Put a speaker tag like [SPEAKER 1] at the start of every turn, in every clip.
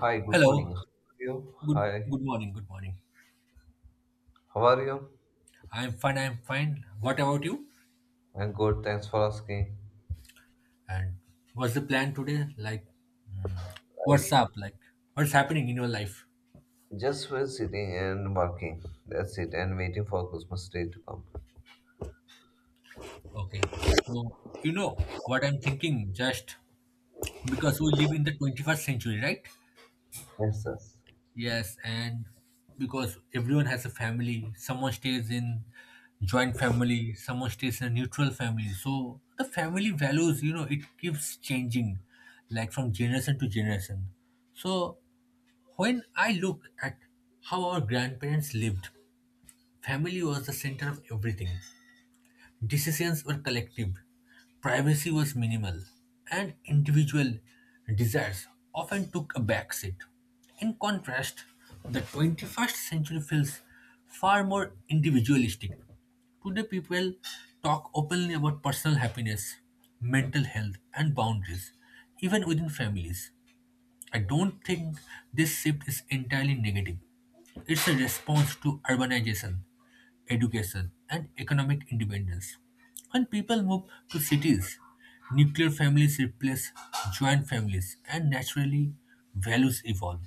[SPEAKER 1] Hi, good
[SPEAKER 2] Hello.
[SPEAKER 1] morning. How are you?
[SPEAKER 2] Good
[SPEAKER 1] Hi,
[SPEAKER 2] good morning. Good morning.
[SPEAKER 1] how are you?
[SPEAKER 2] I'm fine. I'm fine. What about you?
[SPEAKER 1] I'm good, thanks for asking.
[SPEAKER 2] And what's the plan today? Like
[SPEAKER 1] I
[SPEAKER 2] what's up? Like what's happening in your life?
[SPEAKER 1] just was sitting and working. That's it, and waiting for Christmas Day to come.
[SPEAKER 2] Okay. So you know what I'm thinking just because we live in the 21st century, right?
[SPEAKER 1] Yes, yes.
[SPEAKER 2] Yes, and because everyone has a family, someone stays in joint family, someone stays in a neutral family. So the family values, it keeps changing like from generation to generation. So when I look at how our grandparents lived, family was the center of everything. Decisions were collective, privacy was minimal, and individual desires often took a backseat. In contrast, the 21st century feels far more individualistic. Today, people talk openly about personal happiness, mental health, and boundaries, even within families. I don't think this shift is entirely negative. It's a response to urbanization, education, and economic independence. When people move to cities, nuclear families replace joint families, and naturally, values evolve.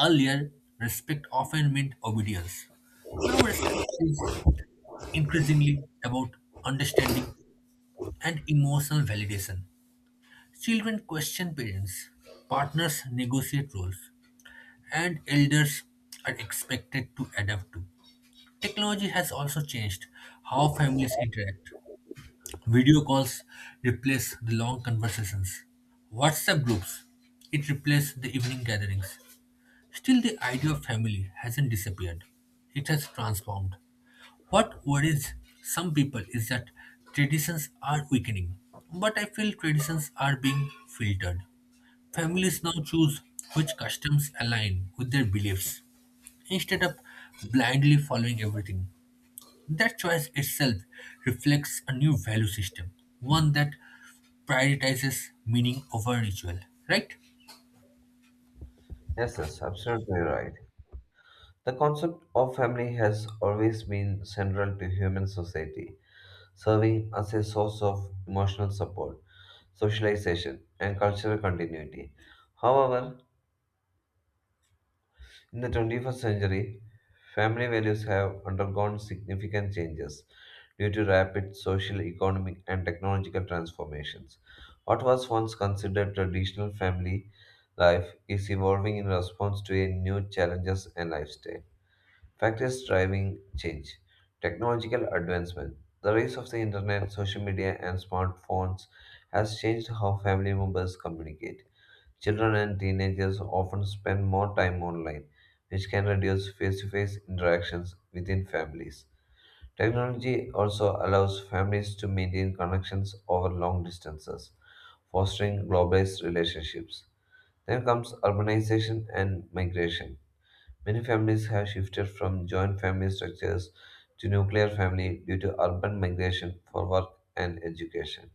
[SPEAKER 2] Earlier, respect often meant obedience. Now, respect is increasingly about understanding and emotional validation. Children question parents, partners negotiate roles, and elders are expected to adapt to. Technology has also changed how families interact. Video calls replace the long conversations. WhatsApp groups, it replaced the evening gatherings. Still, the idea of family hasn't disappeared. It has transformed. What worries some people is that traditions are weakening, but I feel traditions are being filtered. Families now choose which customs align with their beliefs instead of blindly following everything. That choice itself reflects a new value system, one that prioritizes meaning over ritual, right?
[SPEAKER 1] Yes, yes, absolutely right. The concept of family has always been central to human society, serving as a source of emotional support, socialization, and cultural continuity. However, in the 21st century, family values have undergone significant changes due to rapid social, economic, and technological transformations. What was once considered traditional family life is evolving in response to a new challenges and lifestyle. Factors driving change technological advancement. The rise of the internet, social media, and smartphones has changed how family members communicate. Children and teenagers often spend more time online, which can reduce face to face interactions within families. Technology also allows families to maintain connections over long distances, fostering globalized relationships. Then comes urbanization and migration. Many families have shifted from joint family structures to nuclear family due to urban migration for work and education.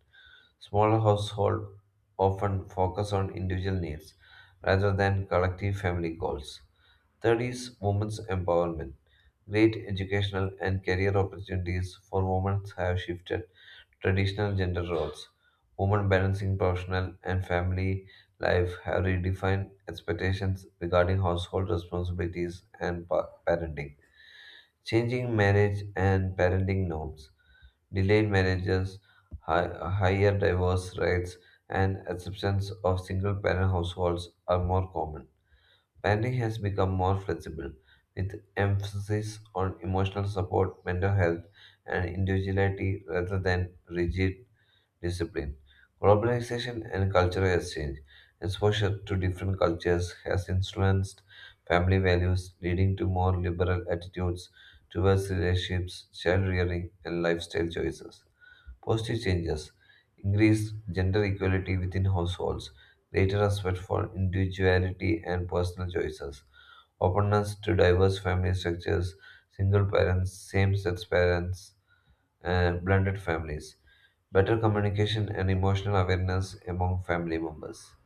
[SPEAKER 1] Smaller households often focus on individual needs rather than collective family goals. Third is women's empowerment. Great educational and career opportunities for women have shifted traditional gender roles. Women balancing professional and family life have redefined expectations regarding household responsibilities and parenting, changing marriage and parenting norms delayed marriages, higher divorce rates, and acceptance of single parent households are more common. Parenting has become more flexible, with emphasis on emotional support, mental health, and individuality rather than rigid discipline. Globalization and cultural exchange, exposure to different cultures, has influenced family values, leading to more liberal attitudes towards relationships, child rearing, and lifestyle choices. Positive changes increased gender equality within households, greater respect for individuality and personal choices, openness to diverse family structures, single parents, same sex parents, and blended families, better communication and emotional awareness among family members.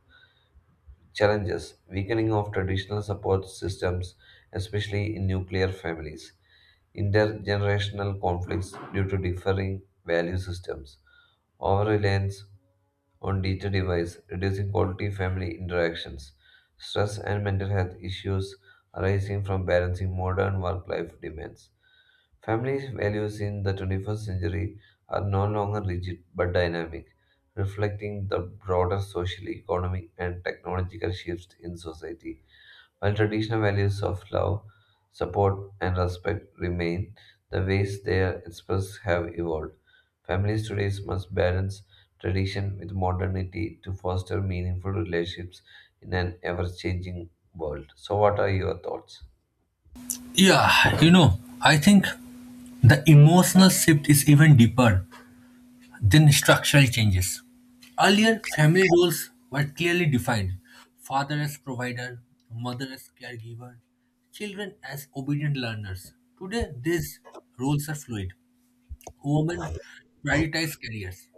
[SPEAKER 1] Challenges Weakening of traditional support systems, especially in nuclear families, intergenerational conflicts due to differing value systems, over reliance on digital device, reducing quality family interactions. Stress and mental health issues arising from balancing modern work life demands. Family values in the 21st century are no longer rigid but dynamic, reflecting the broader social, economic, and technological shifts in society. While traditional values of love, support, and respect remain, the ways they are expressed have evolved. Families today must balance tradition with modernity to foster meaningful relationships in an ever changing world. So, what are your thoughts?
[SPEAKER 2] Yeah, you know, I think the emotional shift is even deeper than structural changes. Earlier, family roles were clearly defined father as provider, mother as caregiver, children as obedient learners. Today, these roles are fluid. Women prioritize careers.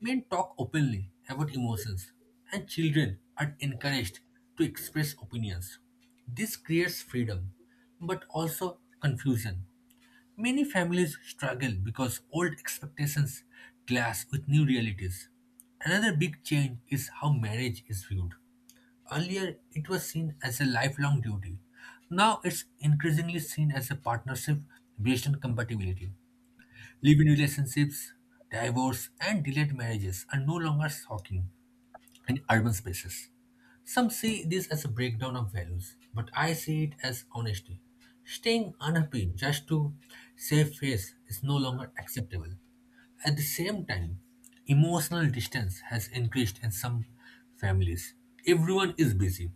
[SPEAKER 2] Men talk openly about emotions, and children are encouraged to express opinions. This creates freedom, but also confusion. Many families struggle because old expectations clash with new realities. Another big change is how marriage is viewed. Earlier, it was seen as a lifelong duty. Now, it's increasingly seen as a partnership based on compatibility. Live-in relationships, divorce, and delayed marriages are no longer shocking in urban spaces. Some see this as a breakdown of values, but I see it as honesty. Staying unhappy just to save face is no longer acceptable. At the same time, emotional distance has increased in some families. Everyone is busy,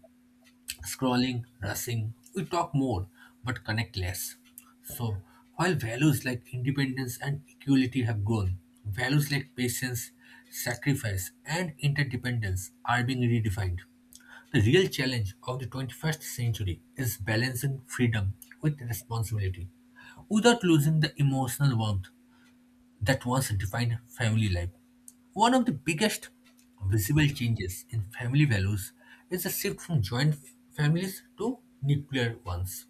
[SPEAKER 2] scrolling, rushing, we talk more but connect less. So, while values like independence and equality have grown, values like patience, sacrifice, and interdependence are being redefined. The real challenge of the 21st century is balancing freedom with responsibility without losing the emotional warmth that once defined family life. One of the biggest visible changes in family values is the shift from joint families to nuclear ones.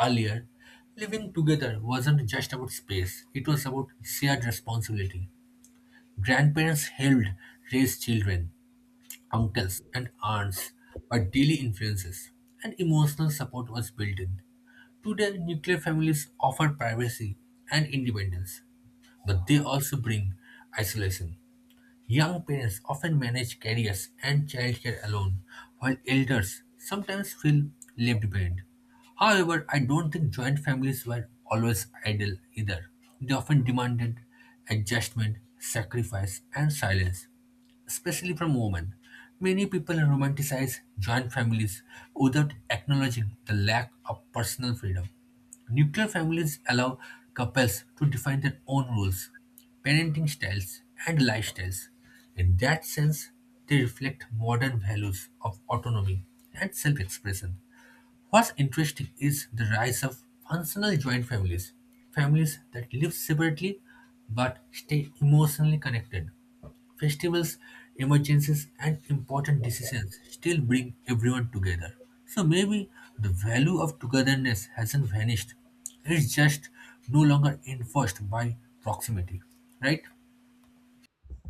[SPEAKER 2] Earlier, living together wasn't just about space, it was about shared responsibility. Grandparents helped raise children, uncles and aunts were daily influences, and emotional support was built in. Today, nuclear families offer privacy and independence, but they also bring isolation. Young parents often manage careers and childcare alone, while elders sometimes feel left behind. However, I don't think joint families were always ideal either. They often demanded adjustment, sacrifice, and silence, especially from women. Many people romanticize joint families without acknowledging the lack of personal freedom. Nuclear families allow couples to define their own rules, parenting styles, and lifestyles. In that sense, they reflect modern values of autonomy and self expression. What's interesting is the rise of functional joint families, families that live separately but stay emotionally connected. Festivals, emergencies, and important decisions still bring everyone together. So maybe the value of togetherness hasn't vanished. It's just no longer enforced by proximity, right?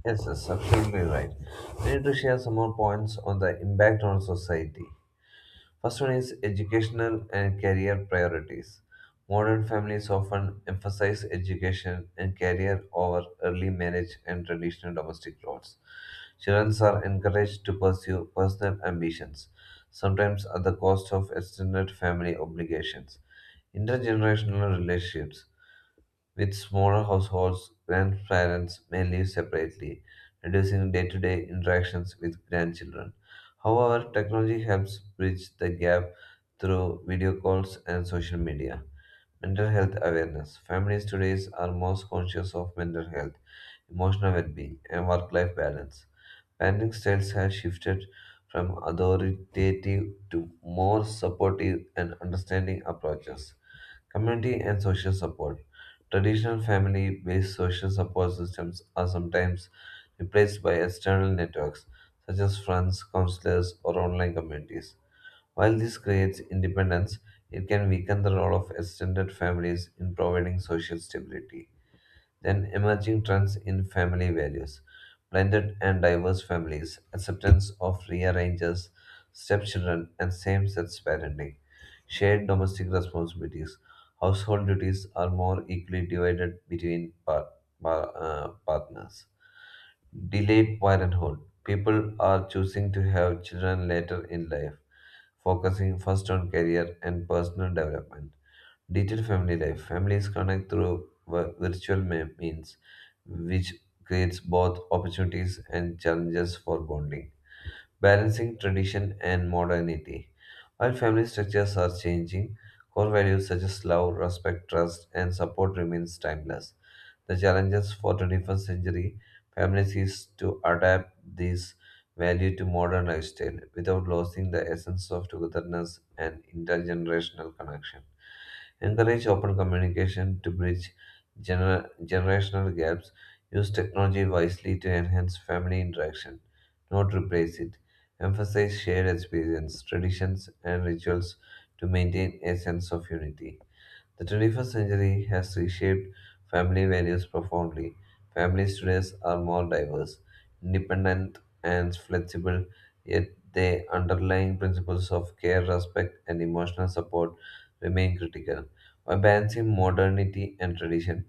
[SPEAKER 1] Yes, that's absolutely right. We need to share some more points on the impact on society. First one is educational and career priorities. Modern families often emphasize education and career over early marriage and traditional domestic roles. Children are encouraged to pursue personal ambitions, sometimes at the cost of extended family obligations. Intergenerational relationships. With smaller households, grandparents may live separately, reducing day to day interactions with grandchildren. However, technology helps bridge the gap through video calls and social media. Mental health awareness. Families today are most conscious of mental health, emotional well being, and work life balance. Parenting styles have shifted from authoritative to more supportive and understanding approaches. Community and social support. Traditional family based social support systems are sometimes replaced by external networks such as friends, counselors, or online communities. While this creates independence, it can weaken the role of extended families in providing social stability. Then emerging trends in family values, blended and diverse families, acceptance of rearrangers, stepchildren, and same sex parenting, shared domestic responsibilities, household duties are more equally divided between partners. Delayed parenthood, people are choosing to have children later in life, focusing first on career and personal development Digital family life. Families connect through virtual means, which creates both opportunities and challenges for bonding. Balancing tradition and modernity. While family structures are changing, core values such as love, respect, trust, and support remains timeless. The challenges for 21st century families is to adapt this value to modern lifestyle without losing the essence of togetherness and intergenerational connection. Encourage open communication to bridge generational gaps. Use technology wisely to enhance family interaction, not replace it. Emphasize shared experience, traditions, and rituals to maintain a sense of unity. The 21st century has reshaped family values profoundly. Families today are more diverse, independent, and flexible, yet the underlying principles of care, respect, and emotional support remain critical. By balancing modernity and tradition,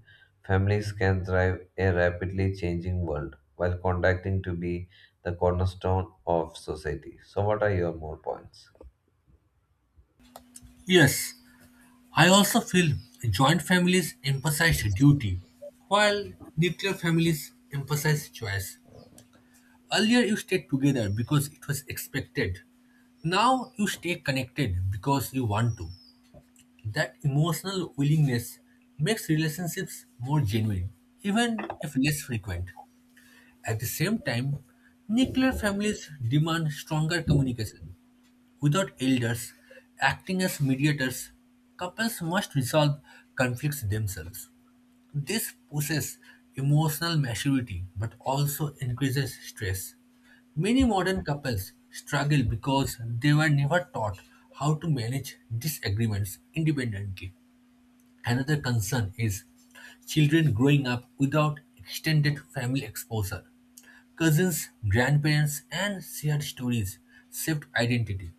[SPEAKER 1] families can thrive in a rapidly changing world while contacting to be the cornerstone of society. So, what are your more points?
[SPEAKER 2] Yes, I also feel joint families emphasize duty, while nuclear families emphasize choice. Earlier, you stayed together because it was expected. Now you stay connected because you want to. That emotional willingness makes relationships more genuine, even if less frequent. At the same time, nuclear families demand stronger communication. Without elders acting as mediators, couples must resolve conflicts themselves. This pushes emotional maturity but also increases stress. Many modern couples struggle because they were never taught how to manage disagreements independently. Another concern is children growing up without extended family exposure. Cousins, grandparents, and shared stories shape identity.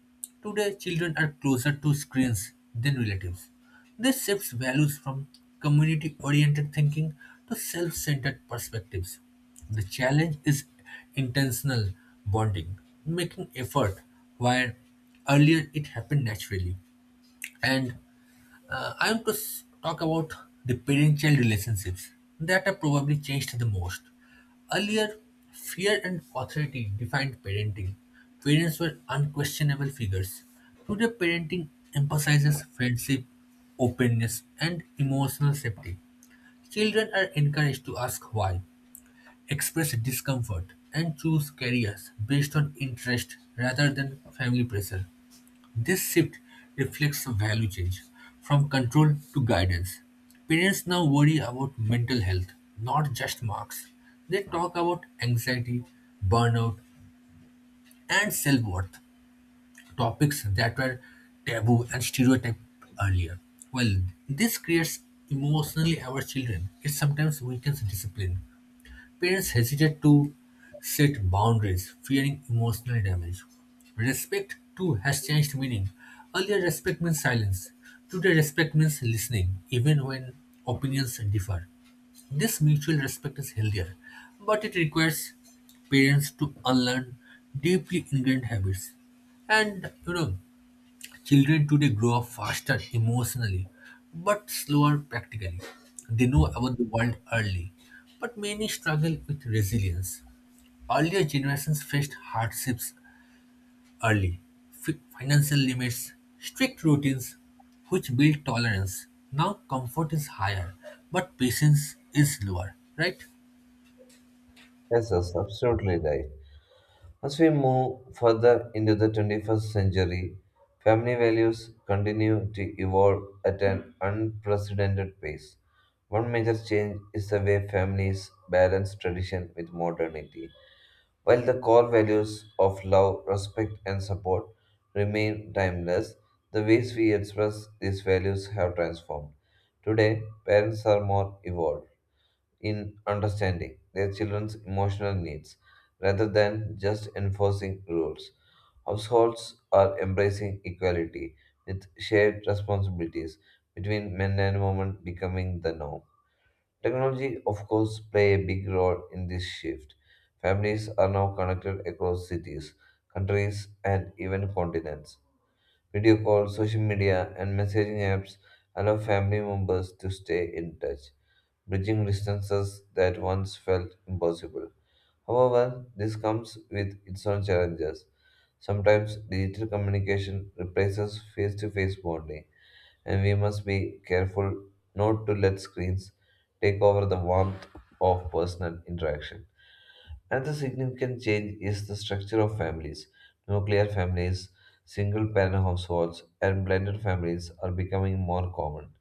[SPEAKER 2] Today, children are closer to screens than relatives. This shifts values from community oriented thinking to self centered perspectives. The challenge is intentional bonding, making effort where earlier it happened naturally. And I want to talk about the parent-child relationships that have probably changed the most. Earlier, fear and authority defined parenting. Parents were unquestionable figures. Today, parenting emphasizes friendship, openness, and emotional safety. Children are encouraged to ask why, express discomfort, and choose careers based on interest rather than family pressure. This shift reflects a value change from control to guidance. Parents now worry about mental health, not just marks. They talk about anxiety, burnout, and self worth, topics that were taboo and stereotyped earlier. Well, this creates emotionally our children. It sometimes weakens discipline. Parents hesitate to set boundaries, fearing emotional damage. Respect too has changed meaning. Earlier, respect means silence. Today, respect means listening, even when opinions differ. This mutual respect is healthier, but it requires parents to unlearn deeply ingrained habits. And children today grow up faster emotionally, but slower practically. They know about the world early, but many struggle with resilience. Earlier generations faced hardships early, financial limits, strict routines, which build tolerance. Now comfort is higher, but patience is lower, right?
[SPEAKER 1] Yes, that's absolutely right. As we move further into the 21st century, family values continue to evolve at an unprecedented pace. One major change is the way families balance tradition with modernity. While the core values of love, respect, and support remain timeless, the ways we express these values have transformed. Today, parents are more evolved in understanding their children's emotional needs rather than just enforcing rules. Households are embracing equality with shared responsibilities between men and women becoming the norm. Technology, of course, play a big role in this shift. Families are now connected across cities, countries, and even continents. Video calls, social media, and messaging apps allow family members to stay in touch, bridging distances that once felt impossible. However, this comes with its own challenges. Sometimes digital communication replaces face to face bonding, and we must be careful not to let screens take over the warmth of personal interaction. Another significant change is the structure of families. Nuclear families, single parent households, and blended families are becoming more common.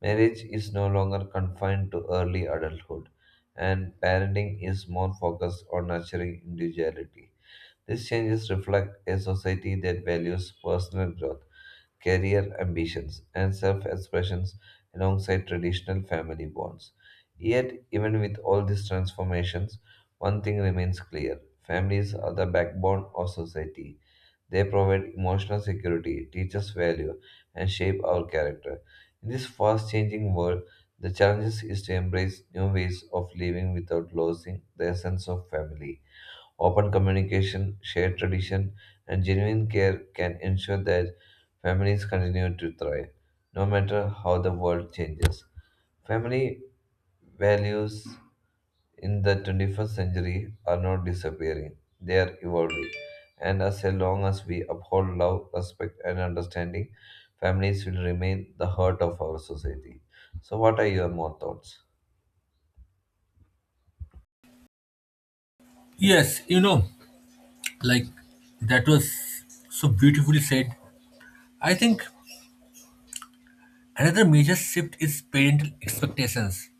[SPEAKER 1] Marriage is no longer confined to early adulthood, and parenting is more focused on nurturing individuality. These changes reflect a society that values personal growth career ambitions, and self expressions alongside traditional family bonds. Yet, even with all these transformations, one thing remains clear families are the backbone of society. They provide emotional security, teach us value, and shape our character. In this fast changing world, the challenge is to embrace new ways of living without losing the essence of family. Open communication, shared tradition, and genuine care can ensure that families continue to thrive, no matter how the world changes. Family values in the 21st century are not disappearing, they are evolving. And as long as we uphold love, respect, and understanding, families will remain the heart of our society. So, what are your more thoughts?
[SPEAKER 2] Yes, like that was so beautifully said. I think another major shift is parental expectations.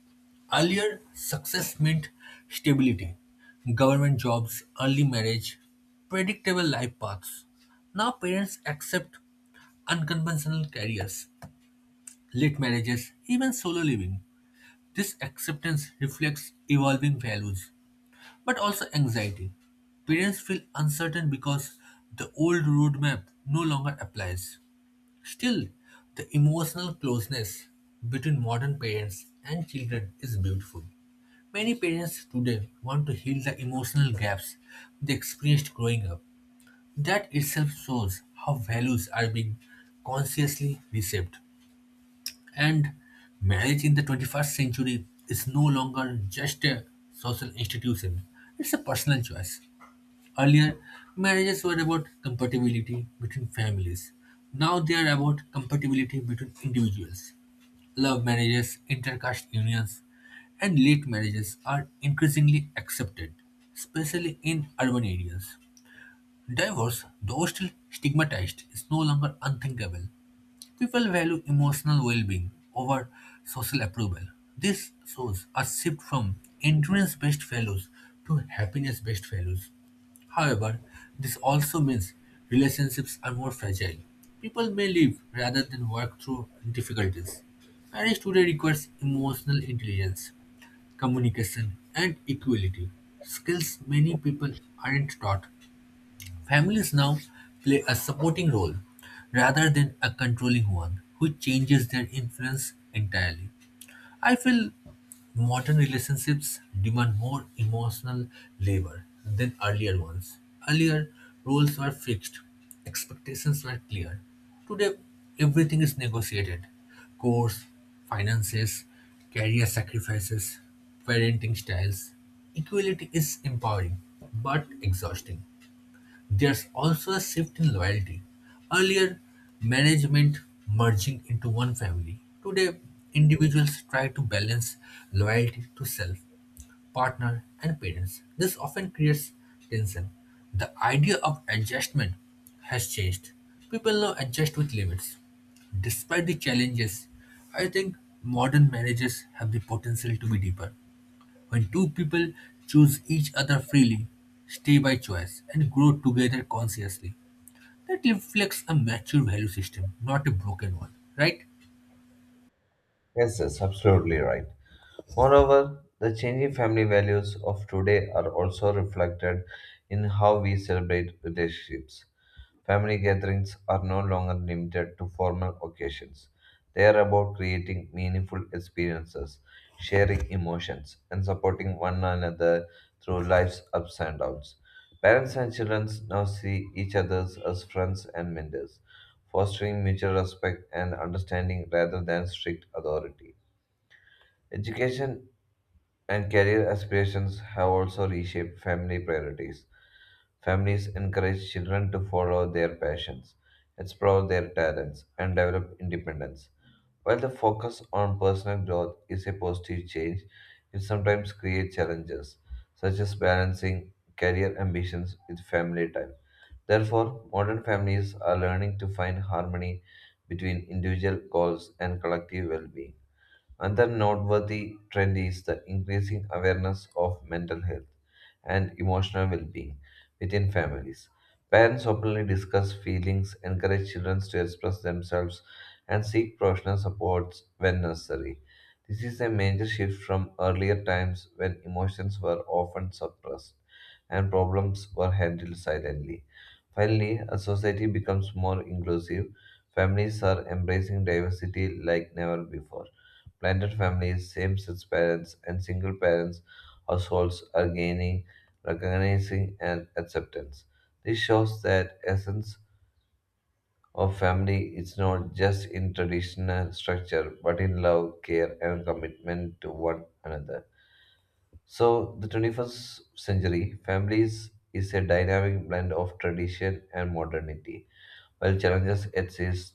[SPEAKER 2] Earlier, success meant stability, government jobs, early marriage, predictable life paths. Now, parents accept unconventional careers, late marriages, even solo living. This acceptance reflects evolving values, but also anxiety. Parents feel uncertain because the old roadmap no longer applies. Still, the emotional closeness between modern parents and children is beautiful. Many parents today want to heal the emotional gaps they experienced growing up. That itself shows how values are being consciously reshaped. And marriage in the 21st century is no longer just a social institution, it's a personal choice. Earlier, marriages were about compatibility between families. Now they are about compatibility between individuals. Love marriages, intercaste unions, and late marriages are increasingly accepted, especially in urban areas. Divorce, though still stigmatized, is no longer unthinkable. People value emotional well being over social approval. This shows a shift from endurance based values to happiness based values. However, this also means relationships are more fragile. People may live rather than work through difficulties. Marriage today requires emotional intelligence, communication, and equality, skills many people aren't taught. Families now play a supporting role rather than a controlling one, which changes their influence entirely. I feel modern relationships demand more emotional labor than earlier ones. Earlier, roles were fixed, expectations were clear. Today, everything is negotiated course, finances, career sacrifices, parenting styles. Equality is empowering but exhausting. There's also a shift in loyalty. Earlier, marriage meant merging into one family. Today, individuals try to balance loyalty to self, partner, and parents. This often creates tension. The idea of adjustment has changed. People now adjust with limits. Despite the challenges, I think modern marriages have the potential to be deeper. When two people choose each other freely, stay by choice, and grow together consciously, that reflects a mature value system, not a broken one, right?
[SPEAKER 1] Yes, that's absolutely right. Moreover, the changing family values of today are also reflected in how we celebrate relationships. Family gatherings are no longer limited to formal occasions. They are about creating meaningful experiences, sharing emotions, and supporting one another through life's ups and downs. Parents and children now see each other as friends and mentors, fostering mutual respect and understanding rather than strict authority. Education and career aspirations have also reshaped family priorities. Families encourage children to follow their passions, explore their talents, and develop independence. While the focus on personal growth is a positive change, it sometimes creates challenges, such as balancing career ambitions with family time. Therefore, modern families are learning to find harmony between individual goals and collective well being. Another noteworthy trend is the increasing awareness of mental health and emotional well being within families. Parents openly discuss feelings, encourage children to express themselves, and seek professional support when necessary. This is a major shift from earlier times when emotions were often suppressed and problems were handled silently. Finally, as society becomes more inclusive, families are embracing diversity like never before Blended families, same sex parents, and single parents households are gaining recognizing and acceptance. This shows that essence of family is not just in traditional structure but in love, care and commitment to one another. So the 21st century families is a dynamic blend of tradition and modernity. While challenges exist,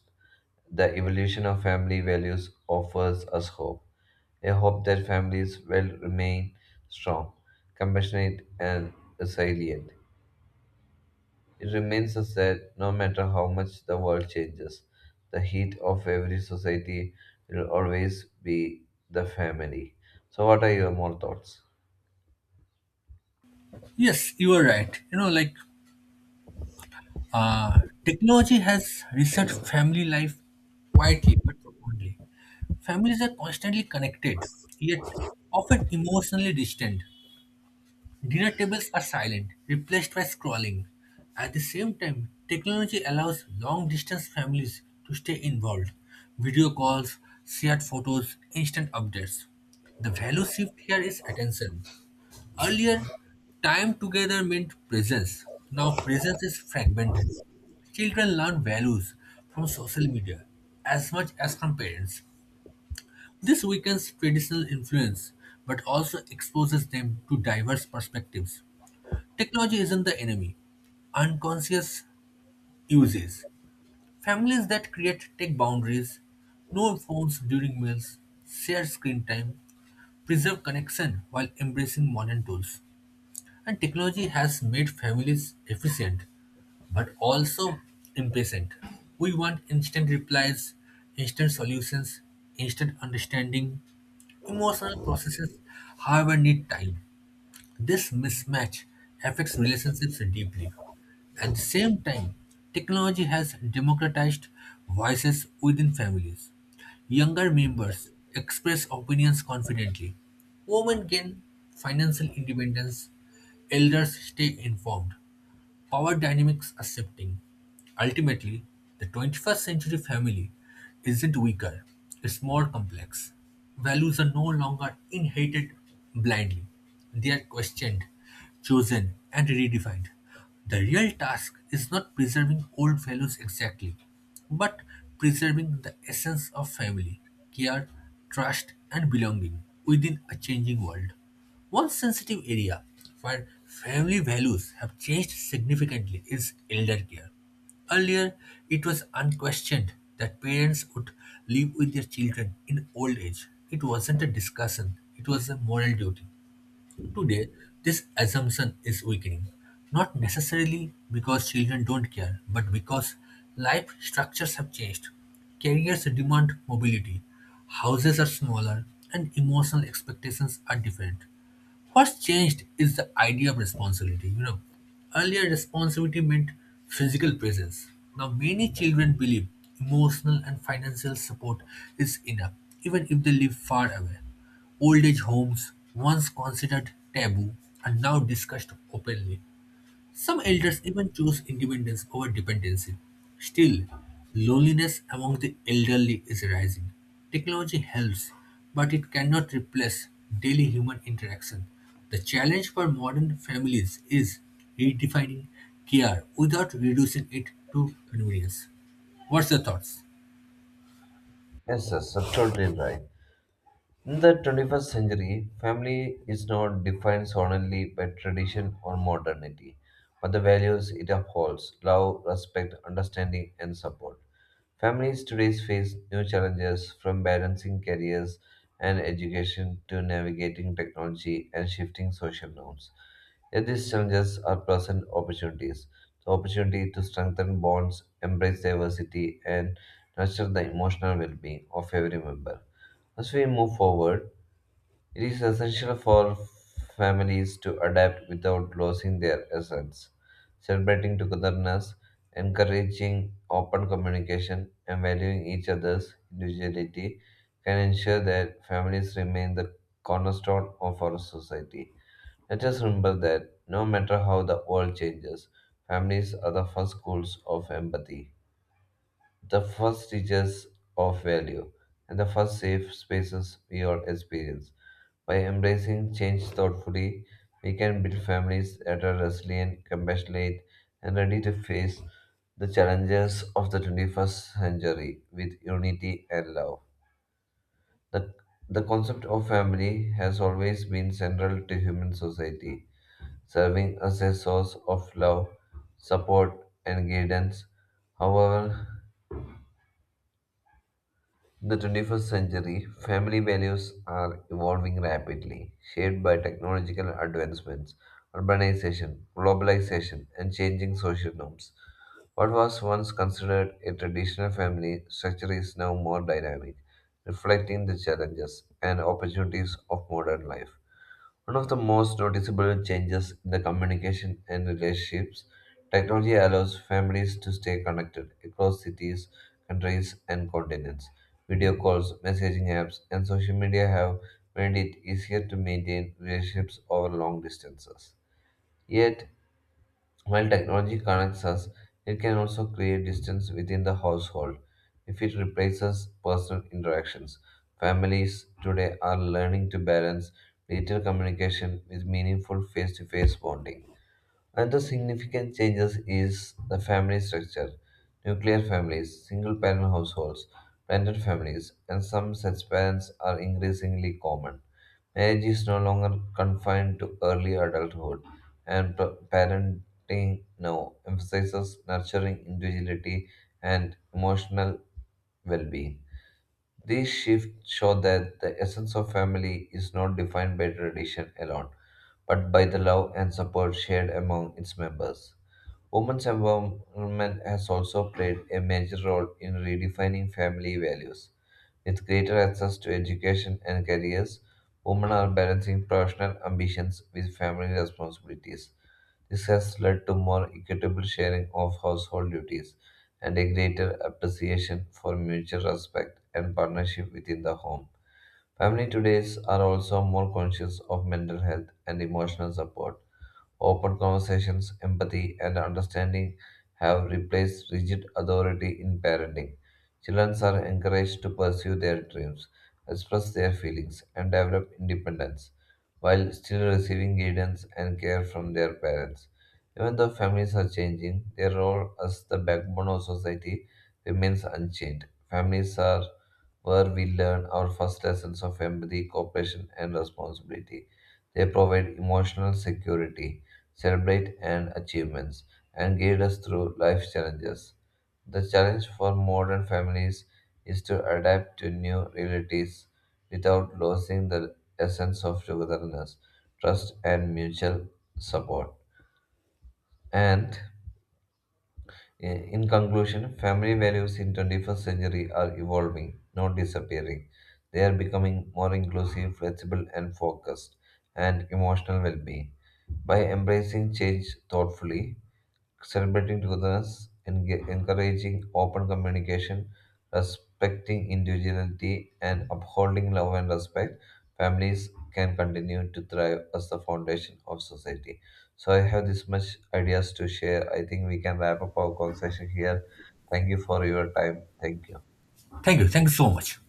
[SPEAKER 1] the evolution of family values offers us hope. I hope that families will remain strong, compassionate, and resilient. It remains us that no matter how much the world changes, the heat of every society will always be the family. So, what are your more thoughts?
[SPEAKER 2] Yes, you are right. Like technology has reset family life quietly but profoundly. Families are constantly connected, yet often emotionally distant. Dinner tables are silent, replaced by scrolling. At the same time, technology allows long distance families to stay involved. Video calls, shared photos, instant updates. The value shift here is attention. Earlier, time together meant presence. Now, presence is fragmented. Children learn values from social media as much as from parents. This weakens traditional influence but also exposes them to diverse perspectives. Technology isn't the enemy. Unconscious uses. Families that create tech boundaries, no phones during meals, share screen time, preserve connection while embracing modern tools. And technology has made families efficient but also impatient. We want instant replies, instant solutions, instant understanding. Emotional processes, however, need time. This mismatch affects relationships deeply. At the same time, technology has democratized voices within families. Younger members express opinions confidently. Women gain financial independence. Elders stay informed. Power dynamics are shifting. Ultimately, the 21st century family isn't weaker, it's more complex. Values are no longer inherited blindly, they are questioned, chosen, and redefined. The real task is not preserving old values exactly, but preserving the essence of family, care, trust, and belonging within a changing world. One sensitive area where family values have changed significantly is elder care. Earlier, it was unquestioned that parents would live with their children in old age. It wasn't a discussion, it was a moral duty. Today, this assumption is weakening, not necessarily because children don't care, but because life structures have changed. Careers demand mobility, houses are smaller, and emotional expectations are different. What's changed is the idea of responsibility. You know, earlier responsibility meant physical presence. Now, many children believe emotional and financial support is enough, even if they live far away. Old age homes, once considered taboo, are now discussed openly. Some elders even choose independence over dependency. Still, loneliness among the elderly is rising. Technology helps, but it cannot replace daily human interaction. The challenge for modern families is redefining care without reducing it to convenience. What's your thoughts?
[SPEAKER 1] Yes, yes, absolutely right. In the 21st century, family is not defined solely by tradition or modernity, but the values it upholds love, respect, understanding, and support. Families today face new challenges from balancing careers and education to navigating technology and shifting social norms. Yet these challenges are present opportunities the opportunity to strengthen bonds, embrace diversity, and nurture the emotional well being of every member. As we move forward, it is essential for families to adapt without losing their essence, celebrating togetherness, encouraging open communication, and valuing each other's individuality can ensure that families remain the cornerstone of our society. Let us remember that no matter how the world changes, families are the first schools of empathy, the first teachers of value, and the first safe spaces we all experience. By embracing change thoughtfully, we can build families that are resilient, compassionate, and ready to face the challenges of the 21st century with unity and love. The, the concept of family has always been central to human society, serving as a source of love, support, and guidance. However, in the 21st century, family values are evolving rapidly, shaped by technological advancements, urbanization, globalization, and changing social norms. What was once considered a traditional family structure is now more dynamic, reflecting the challenges and opportunities of modern life. One of the most noticeable changes in the communication and relationships, technology allows families to stay connected across cities, countries, and continents. Video calls, messaging apps, and social media have made it easier to maintain relationships over long distances. Yet, while technology connects us, it can also create distance within the household if it replaces personal interactions. Families today are learning to balance digital communication with meaningful face to face bonding. Another significant changes is the family structure. Nuclear families, single parent households, blended families, and some such parents are increasingly common. Marriage is no longer confined to early adulthood, and parenting now emphasizes nurturing individuality and emotional well being. These shifts show that the essence of family is not defined by tradition alone, but by the love and support shared among its members. Women's empowerment has also played a major role in redefining family values. With greater access to education and careers, women are balancing professional ambitions with family responsibilities. This has led to more equitable sharing of household duties and a greater appreciation for mutual respect and partnership within the home. Family today are also more conscious of mental health and emotional support Open conversations, empathy, and understanding have replaced rigid authority in parenting. Children are encouraged to pursue their dreams, express their feelings, and develop independence while still receiving guidance and care from their parents. Even though families are changing, their role as the backbone of society remains unchanged. Families are where we learn our first lessons of empathy, cooperation, and responsibility. They provide emotional security celebrate and achievements, and guide us through life's challenges. The challenge for modern families is to adapt to new realities without losing the essence of togetherness, trust, and mutual support. And in conclusion, family values in 21st century are evolving, not disappearing. They are becoming more inclusive, flexible, and focused, and emotional well-being. By embracing change thoughtfully, celebrating togetherness, encouraging open communication, respecting individuality, and upholding love and respect, families can continue to thrive as the foundation of society. So I have this much ideas to share. I think we can wrap up our conversation here. Thank you for your time. Thank you.
[SPEAKER 2] Thank you. Thank you so much.